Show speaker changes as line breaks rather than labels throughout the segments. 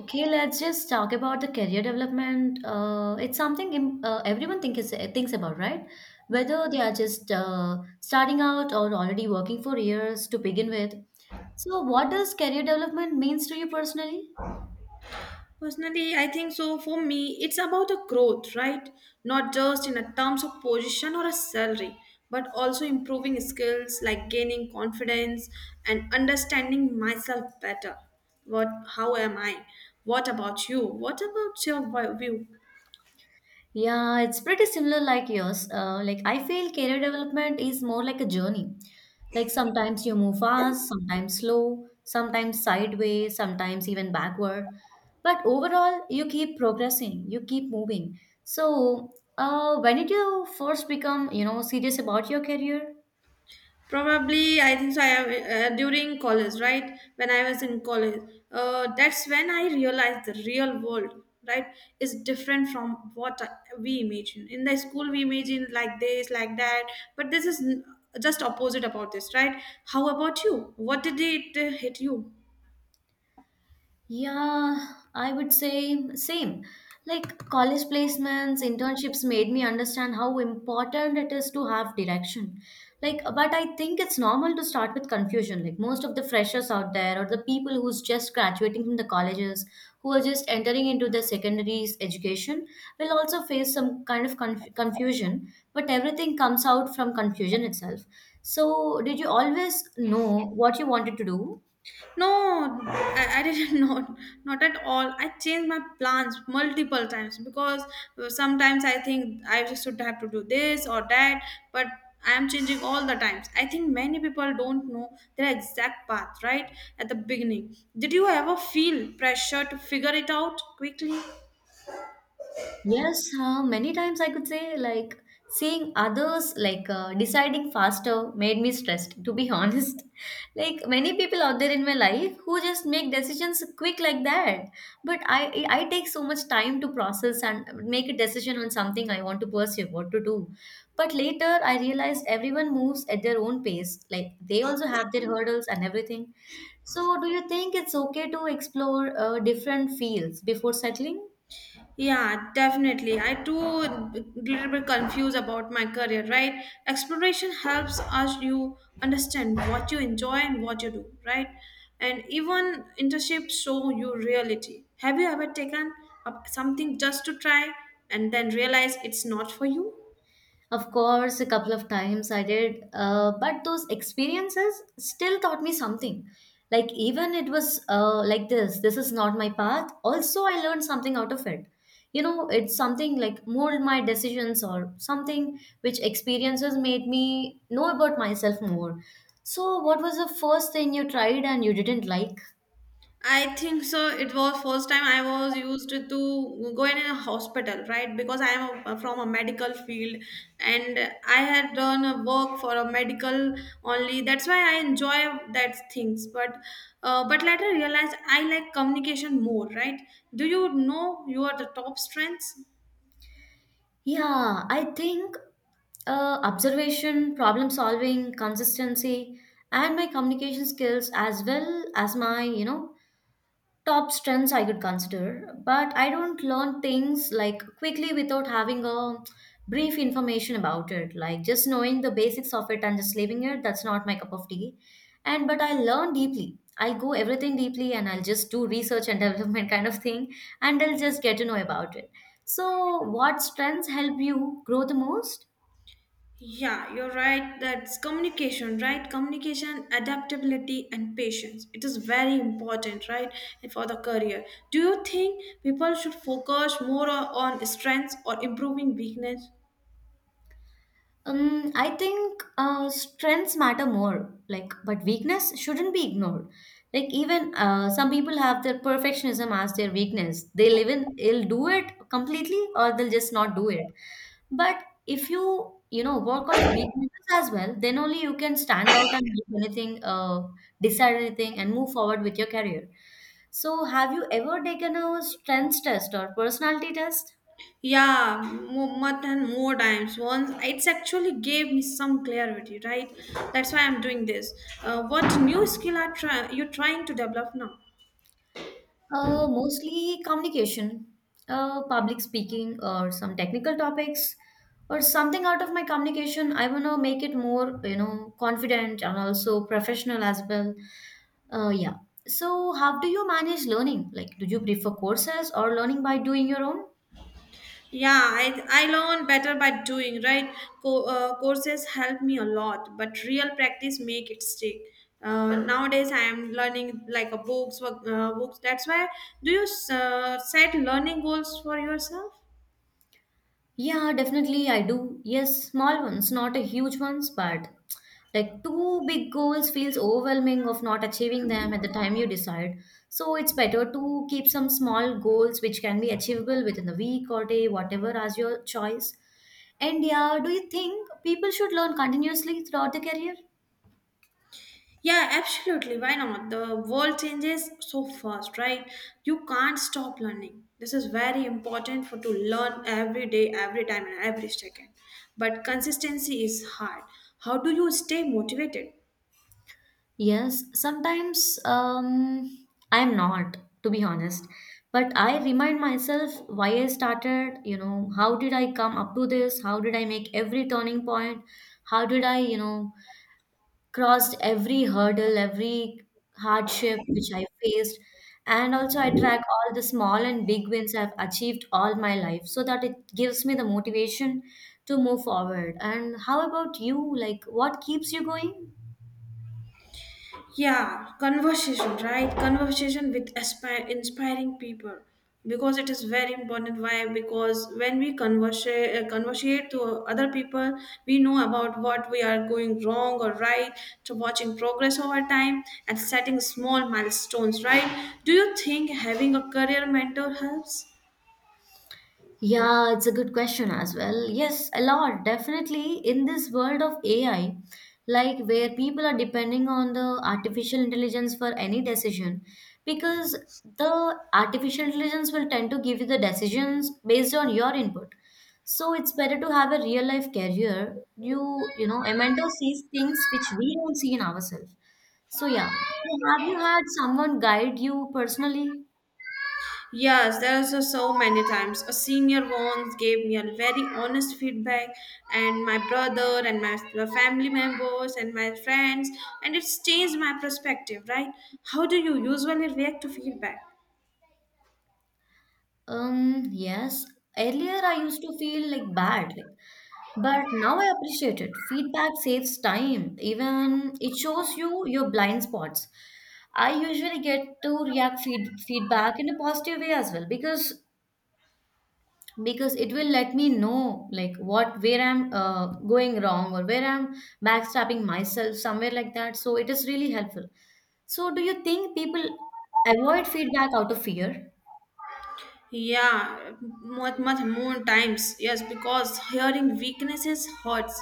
Okay, let's just talk about the career development. It's something everyone thinks about, right?
Yeah.
Whether they are just starting out or already working for years to begin with. So, what does career development means to you personally?
Personally, I think so. For me, it's about a growth, right? Not just in a terms of position or a salary, but also improving skills like gaining confidence and understanding myself better. What? How am I? What about you? What about your view?
Yeah, it's pretty similar like yours. Like I feel career development is more like a journey. Like sometimes you move fast, sometimes slow, sometimes sideways, sometimes even backward. But overall, you keep progressing, you keep moving. So, when did you first become, you know, serious about your career?
Probably, I think so. I have, during college, right? When I was in college, that's when I realized the real world, right, is different from we imagine. In the school, we imagine like this, like that, but just opposite about this, right? How about you? What did it hit you?
Yeah, I would say same. Like college placements, internships made me understand how important it is to have direction. Like, but I think it's normal to start with confusion. Like most of the freshers out there, or the people who's just graduating from the colleges, who are just entering into the secondary's education, will also face some kind of confusion. But everything comes out from confusion itself. So, did you always know what you wanted to do?
No, I didn't know. Not at all. I changed my plans multiple times because sometimes I think I just should have to do this or that, but I am changing all the times. I think many people don't know their exact path right at the beginning. Did you ever feel pressure to figure it out quickly?
Yes, many times I could say like seeing others like deciding faster made me stressed, to be honest. Like many people out there in my life who just make decisions quick like that. But I take so much time to process and make a decision on something I want to pursue, what to do. But later I realized everyone moves at their own pace. Like they also have their hurdles and everything. So do you think it's okay to explore different fields before settling?
Yeah, definitely. I too little bit confused about my career, right? Exploration helps us you understand what you enjoy and what you do, right? And even internships show you reality. Have you ever taken up something just to try and then realize it's not for you?
Of course, a couple of times I did, but those experiences still taught me something. Like, even it was like this is not my path. Also, I learned something out of it. You know, it's something like mold my decisions or something which experiences made me know about myself more. So, what was the first thing you tried and you didn't like?
I think so. It was first time I was used to go in a hospital, right? Because I am from a medical field, and I had done a work for a medical only. That's why I enjoy that things. But later realized I like communication more, right? Do you know you are the top strengths?
Yeah, I think observation, problem solving, consistency, and my communication skills as well as my, you know, top strengths I could consider. But I don't learn things like quickly without having a brief information about it. Like just knowing the basics of it and just leaving it, that's not my cup of tea. And but I learn deeply. I'll go everything deeply and I'll just do research and development kind of thing and I'll just get to know about it. So what strengths help you grow the most?
Yeah, you're right. That's communication, right? Communication, adaptability, and patience. It is very important, right? And for the career. Do you think people should focus more on strengths or improving weakness?
I think strengths matter more, like, but weakness shouldn't be ignored. Like, even some people have their perfectionism as their weakness. They'll do it completely, or they'll just not do it. But if you you know work on the weaknesses as well, then only you can stand out and make anything, decide anything, and move forward with your career. So, have you ever taken a strengths test or personality test?
Yeah, more than more times. Once it's actually gave me some clarity, right? That's why I'm doing this. What new skill are you trying to develop now?
Mostly communication, public speaking, or some technical topics, or something out of my communication. I want to make it more, you know, confident and also professional as well. Yeah. So, how do you manage learning? Like, do you prefer courses or learning by doing your own?
Yeah, I learn better by doing, right? Courses help me a lot, but real practice make it stick. Nowadays, I am learning like a books, books. That's why, do you set learning goals for yourself?
Yeah, definitely I do. Yes, small ones, not a huge ones, but like two big goals feels overwhelming of not achieving them at the time you decide. So it's better to keep some small goals which can be achievable within the week or day, whatever as your choice. And yeah, do you think people should learn continuously throughout the career?
Yeah, absolutely. Why not? The world changes so fast, right? You can't stop learning. This is very important for to learn every day, every time, and every second. But consistency is hard. How do you stay motivated?
Yes, sometimes I'm not, to be honest. But I remind myself why I started, you know, how did I come up to this? How did I make every turning point? How did I, you know, crossed every hurdle, every hardship which I faced? And also I track all the small and big wins I've achieved all my life so that it gives me the motivation to move forward. And how about you? Like, what keeps you going?
Yeah, conversation, right? Conversation with aspire inspiring people, because it is very important. Why? Because when we converse conversate to other people, we know about what we are going wrong or right, to watching progress over time and setting small milestones, right? Do you think having a career mentor helps?
Yeah, it's a good question as well. Yes, a lot. Definitely in this world of AI, like where people are depending on the artificial intelligence for any decision, because the artificial intelligence will tend to give you the decisions based on your input. So it's better to have a real life career. You know, a mentor sees things which we don't see in ourselves. So yeah. So have you had someone guide you personally?
Yes, there's a, so many times. A senior once gave me a very honest feedback, and my brother and my the family members and my friends, and it's changed my perspective, right? How do you usually react to feedback?
Yes. Earlier, I used to feel like bad, like, but now I appreciate it. Feedback saves time. Even it shows you your blind spots. I usually get to react feedback in a positive way as well because it will let me know like what where I'm going wrong or where I'm backstabbing myself somewhere like that. So it is really helpful. So do you think people avoid feedback out of fear?
Yeah, much more times. Yes, because hearing weaknesses hurts.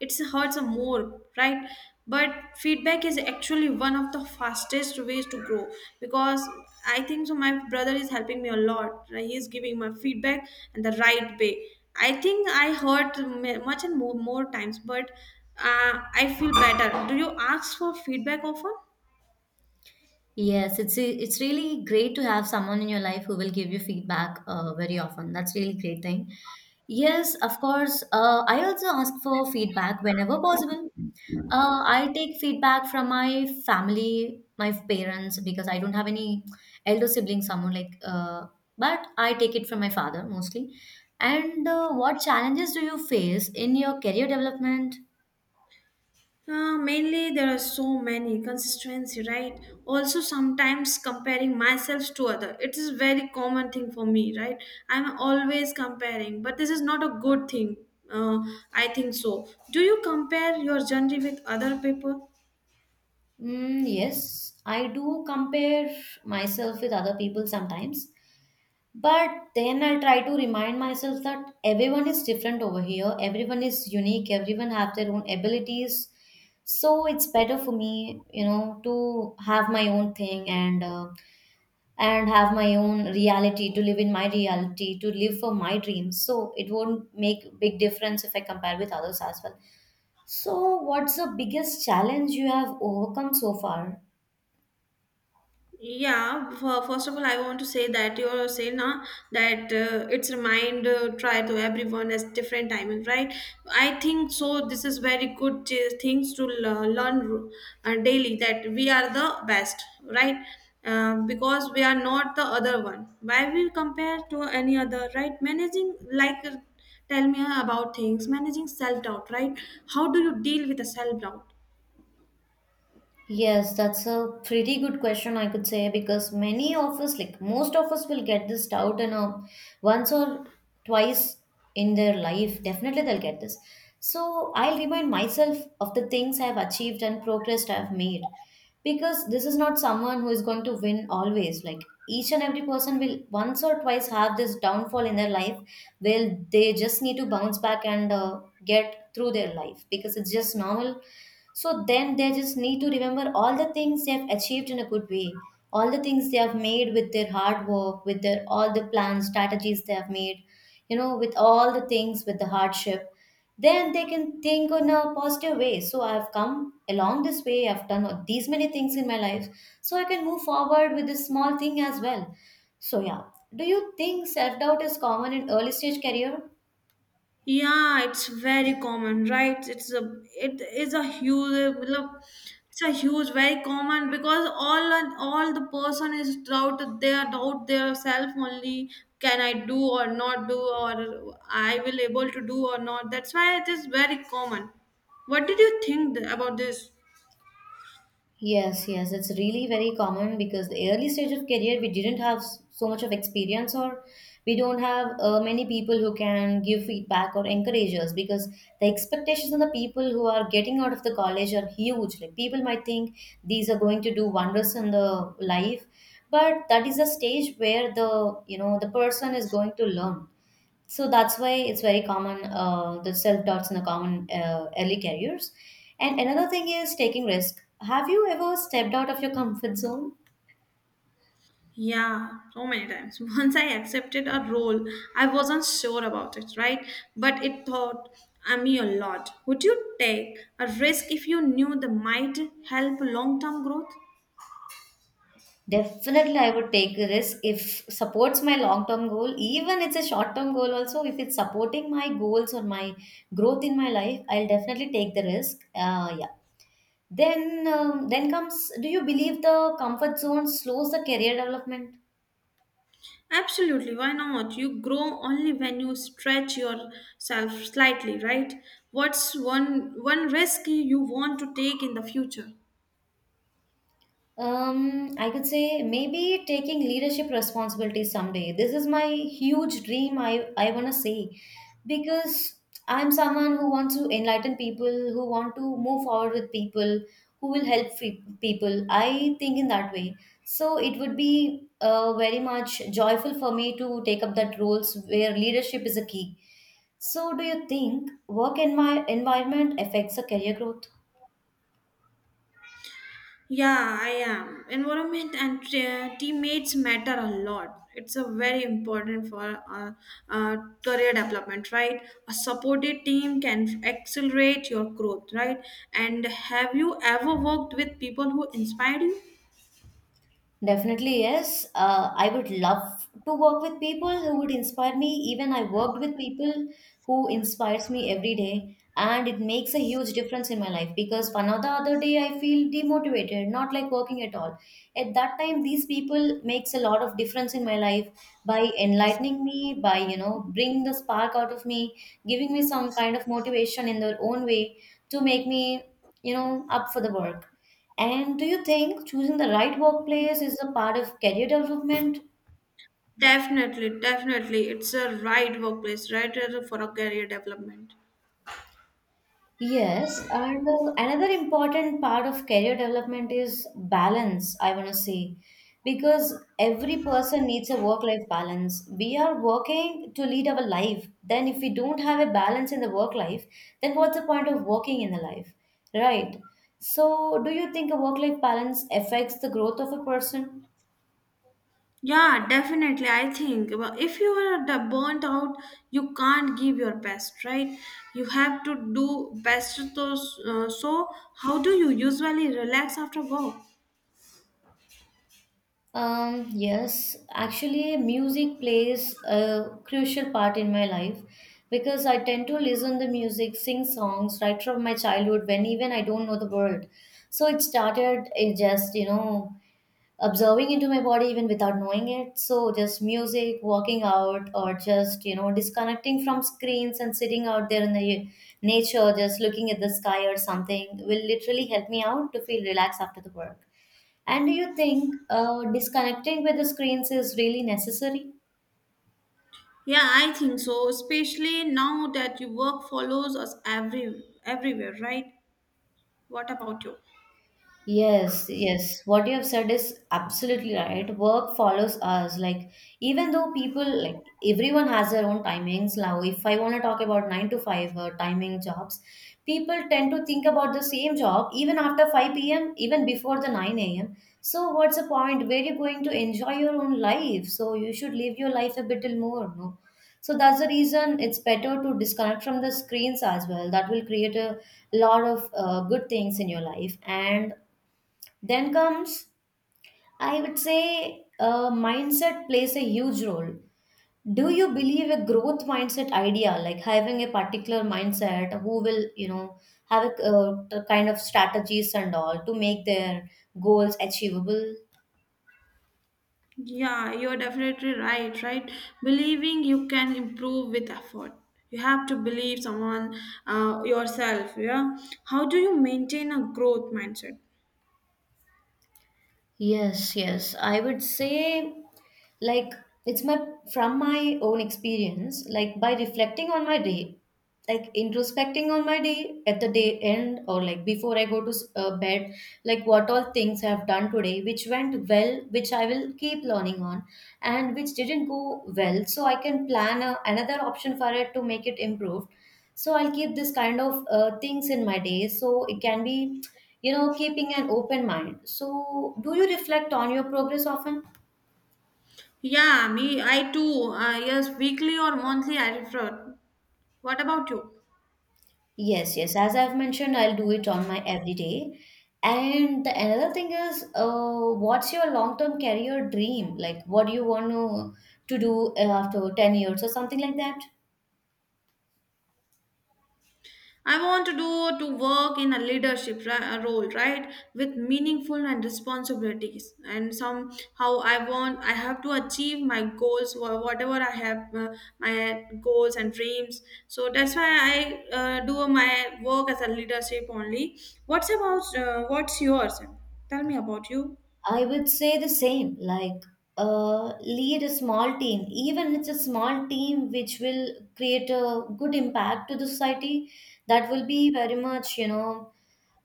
It hurts more, right? But feedback is actually one of the fastest ways to grow because I think so. My brother is helping me a lot. He is giving my feedback and the right way. I think I hurt much and more more times, but I feel better. Do you ask for feedback often?
Yes, it's really great to have someone in your life who will give you feedback very often. That's really great thing. Yes, of course. I also ask for feedback whenever possible. I take feedback from my family, my parents, because I don't have any elder siblings. Someone like, but I take it from my father mostly. And what challenges do you face in your career development?
Mainly, there are so many consistency, right? Also, sometimes comparing myself to other. It is very common thing for me, right? I'm always comparing, but this is not a good thing. Uh, I think so. Do you compare your journey with other people?
Yes, I do compare myself with other people sometimes. But then I try to remind myself that everyone is different over here. Everyone is unique. Everyone have their own abilities. So it's better for me, you know, to have my own thing and and have my own reality to live in my reality to live for my dreams. So it won't make big difference if I compare with others as well. So what's the biggest challenge you have overcome so far?
Yeah, first of all, I want to say that you're saying na, that it's remind try to everyone as different timing, right? I think so. This is very good things to learn daily that we are the best, right? Because we are not the other one. Why we compare to any other, right? Managing like tell me about things managing self doubt, right? How do you deal with the self doubt?
Yes, that's a pretty good question, I could say, because many of us, like most of us, will get this doubt in a once or twice in their life. Definitely, they'll get this. So I'll remind myself of the things I've achieved and progress I've made, because this is not someone who is going to win always. Like each and every person will once or twice have this downfall in their life, where they just need to bounce back and get through their life, because it's just normal. So then they just need to remember all the things they have achieved in a good way, all the things they have made with their hard work, with their all the plans, strategies they have made, you know, with all the things, with the hardship. Then they can think in a positive way. So I've come along this way, I've done these many things in my life. So I can move forward with this small thing as well. So yeah. Do you think self doubt is common in early stage career?
Yeah, it's very common, right? It's a it is a huge look. It's a huge, very common because all the person is doubt their self only. Can I do or not do, or I will able to do or not? That's why it is very common. What did you think about this?
Yes, yes, it's really very common because the early stage of career we didn't have so much of experience or we don't have many people who can give feedback or encourage us because the expectations on the people who are getting out of the college are huge. Like people might think these are going to do wonders in the life, but that is a stage where the you know the person is going to learn. So that's why it's very common the self doubts in the common early careers. And another thing is taking risk. Have you ever stepped out of your comfort zone?
Yeah, so many times. Once I accepted a role, I wasn't sure about it, right? But it taught me a lot. Would you take a risk if you knew that might help long term growth?
Definitely I would take a risk if supports my long term goal. Even it's a short term goal also, if it's supporting my goals or my growth in my life, I'll definitely take the risk. Yeah. Then comes, do you believe the comfort zone slows the career development?
Absolutely, why not? You grow only when you stretch yourself slightly, right? What's one risk you want to take in the future?
I could say maybe taking leadership responsibility someday. This is my huge dream. I wanna say, because I'm someone who wants to enlighten people, who want to move forward with people, who will help people. I think in that way. So it would be very much joyful for me to take up that roles where leadership is a key. So do you think work in my environment affects a career growth?
Yeah, I am. Environment and teammates matter a lot. It's a very important for uh, career development, right? A supported team can accelerate your growth, right? And have you ever worked with people who inspired you?
Definitely, yes. I would love to work with people who would inspire me. Even I worked with people who inspires me every day, and it makes a huge difference in my life because one or the other day I feel demotivated, not like working at all. At that time, these people makes a lot of difference in my life by enlightening me, by you know, bring the spark out of me, giving me some kind of motivation in their own way to make me you know up for the work. And do you think choosing the right workplace is a part of career development?
Definitely, definitely. It's a right workplace, right, for a career development.
Yes, and another important part of career development is balance, I want to say, because every person needs a work-life balance. We are working to lead our life. Then, if we don't have a balance in the work life, then what's the point of working in the life, right? So, do you think a work-life balance affects the growth of a person?
Yeah, definitely. I think well, if you are the burnt out, you can't give your best, right? You have to do best. So, how do you usually relax after work?
Yes, actually, music plays a crucial part in my life because I tend to listen to music, sing songs right from my childhood when even I don't know the word. So it started it just, observing into my body even without knowing it. So just music, walking out, or just disconnecting from screens and sitting out there in the nature, just looking at the sky or something, will literally help me out to feel relaxed after the work. And do you think disconnecting with the screens is really necessary?
Yeah, I think so. Especially now that your work follows us every everywhere, right? What about you?
Yes, yes. What you have said is absolutely right. Work follows us. Like, even though people, like, everyone has their own timings. Now, if I want to talk about nine to five timing jobs, people tend to think about the same job even after 5 p.m., even before the 9 a.m. So, what's the point? Where you going to enjoy your own life? So, you should live your life a little more, no? So, that's the reason it's better to disconnect from the screens as well. That will create a lot of good things in your life. And then comes, I would say, mindset plays a huge role. Do you believe a growth mindset idea, like having a particular mindset, who will, have a kind of strategies and all to make their goals achievable?
Yeah, you're definitely right, right? Believing you can improve with effort. You have to believe someone, yourself. Yeah. How do you maintain a growth mindset?
Yes, yes. I would say, like, it's my from my own experience, like by reflecting on my day, like introspecting on my day at the day end or like before I go to bed, like what all things I have done today, which went well, which I will keep learning on, and which didn't go well, so I can plan another option for it to make it improve, so I'll keep this kind of things in my day so it can be keeping an open mind. So do you reflect on your progress often?
Yeah, me, I too. Yes, weekly or monthly, I prefer. What about you?
Yes, yes. As I've mentioned, I'll do it on my everyday. And the another thing is, what's your long term career dream? Like, what do you want to do after 10 years or something like that?
I want to do to work in a leadership a role, right, with meaningful and responsibilities, and somehow I have to achieve my goals, whatever I have my goals and dreams. So that's why I do my work as a leadership only. What's about what's yours? Tell me about you.
I would say the same, like lead a small team, even it's a small team which will create a good impact to the society. That will be very much, you know,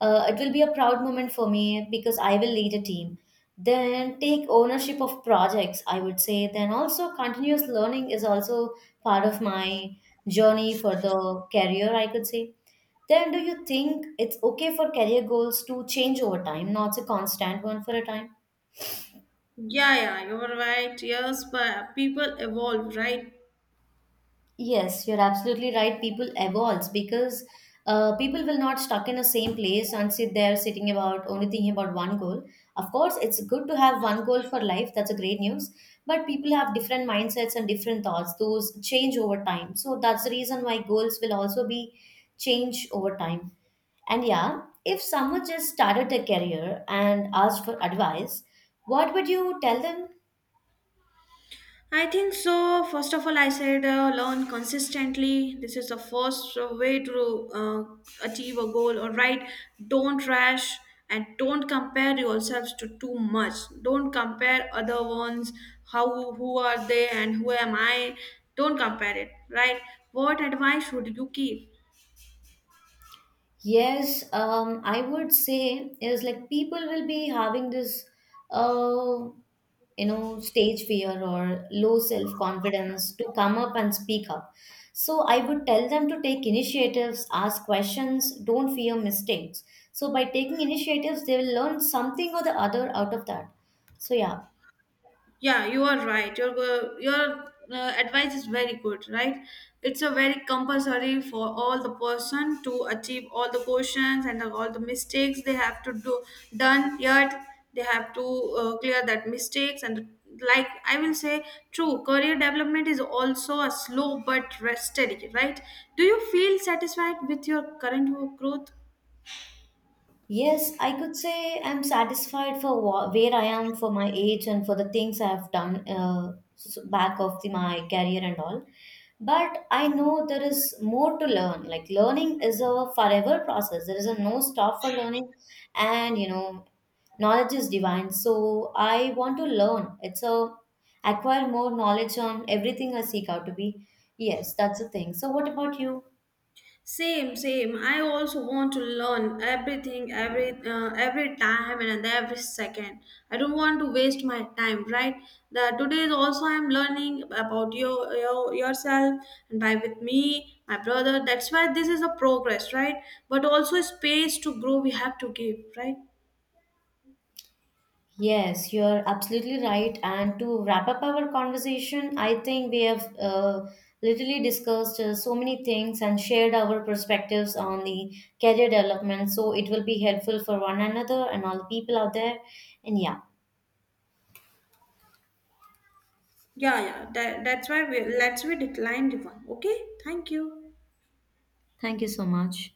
uh, it will be a proud moment for me because I will lead a team. Then take ownership of projects, I would say. Then also continuous learning is also part of my journey for the career, I could say. Then do you think it's okay for career goals to change over time, not a constant one for a time?
Yeah, yeah, you're right. Yes, but people evolve, right?
Yes, you're absolutely right. People evolves because people will not stuck in the same place and sit there sitting about only thinking about one goal. Of course, it's good to have one goal for life. That's a great news. But people have different mindsets and different thoughts. Those change over time. So that's the reason why goals will also be change over time. And yeah, if someone just started a career and asked for advice, what would you tell them?
I think so. First of all, I said learn consistently. This is the first way to achieve a goal. All right, don't rush and don't compare yourselves to too much. Don't compare other ones. How who are they and who am I? Don't compare it. Right. What advice should you give?
Yes, I would say is like people will be having this, uh, stage fear or low self confidence to come up and speak up. So I would tell them to take initiatives, ask questions, don't fear mistakes. So by taking initiatives, they will learn something or the other out of that. So yeah,
Yeah, you are right. Your advice is very good, right? It's a very compulsory for all the person to achieve all the questions and all the mistakes they have to do done. Yet they have to clear that mistakes and like I will say, true career development is also a slow but steady, right? Do you feel satisfied with your current work growth?
yes, I could say I'm satisfied for where I am for my age and for the things I have done back of my career and all. But I know there is more to learn. Like learning is a forever process. There is a no stop for learning, and knowledge is divine. So I want to learn. It's a acquire more knowledge on everything I seek out to be. Yes, that's the thing. So what about you?
Same, same. I also want to learn everything, every time and every second. I don't want to waste my time, right? The today is also I'm learning about your yourself and by with me, my brother. That's why this is a progress, right? But also space to grow. We have to give, right?
Yes, you're absolutely right. And to wrap up our conversation, I think we have literally discussed so many things and shared our perspectives on the career development. So it will be helpful for one another and all the people out there. And yeah,
Yeah, yeah. That, that's why we let's we decline the one. Okay, thank you.
thank you so much.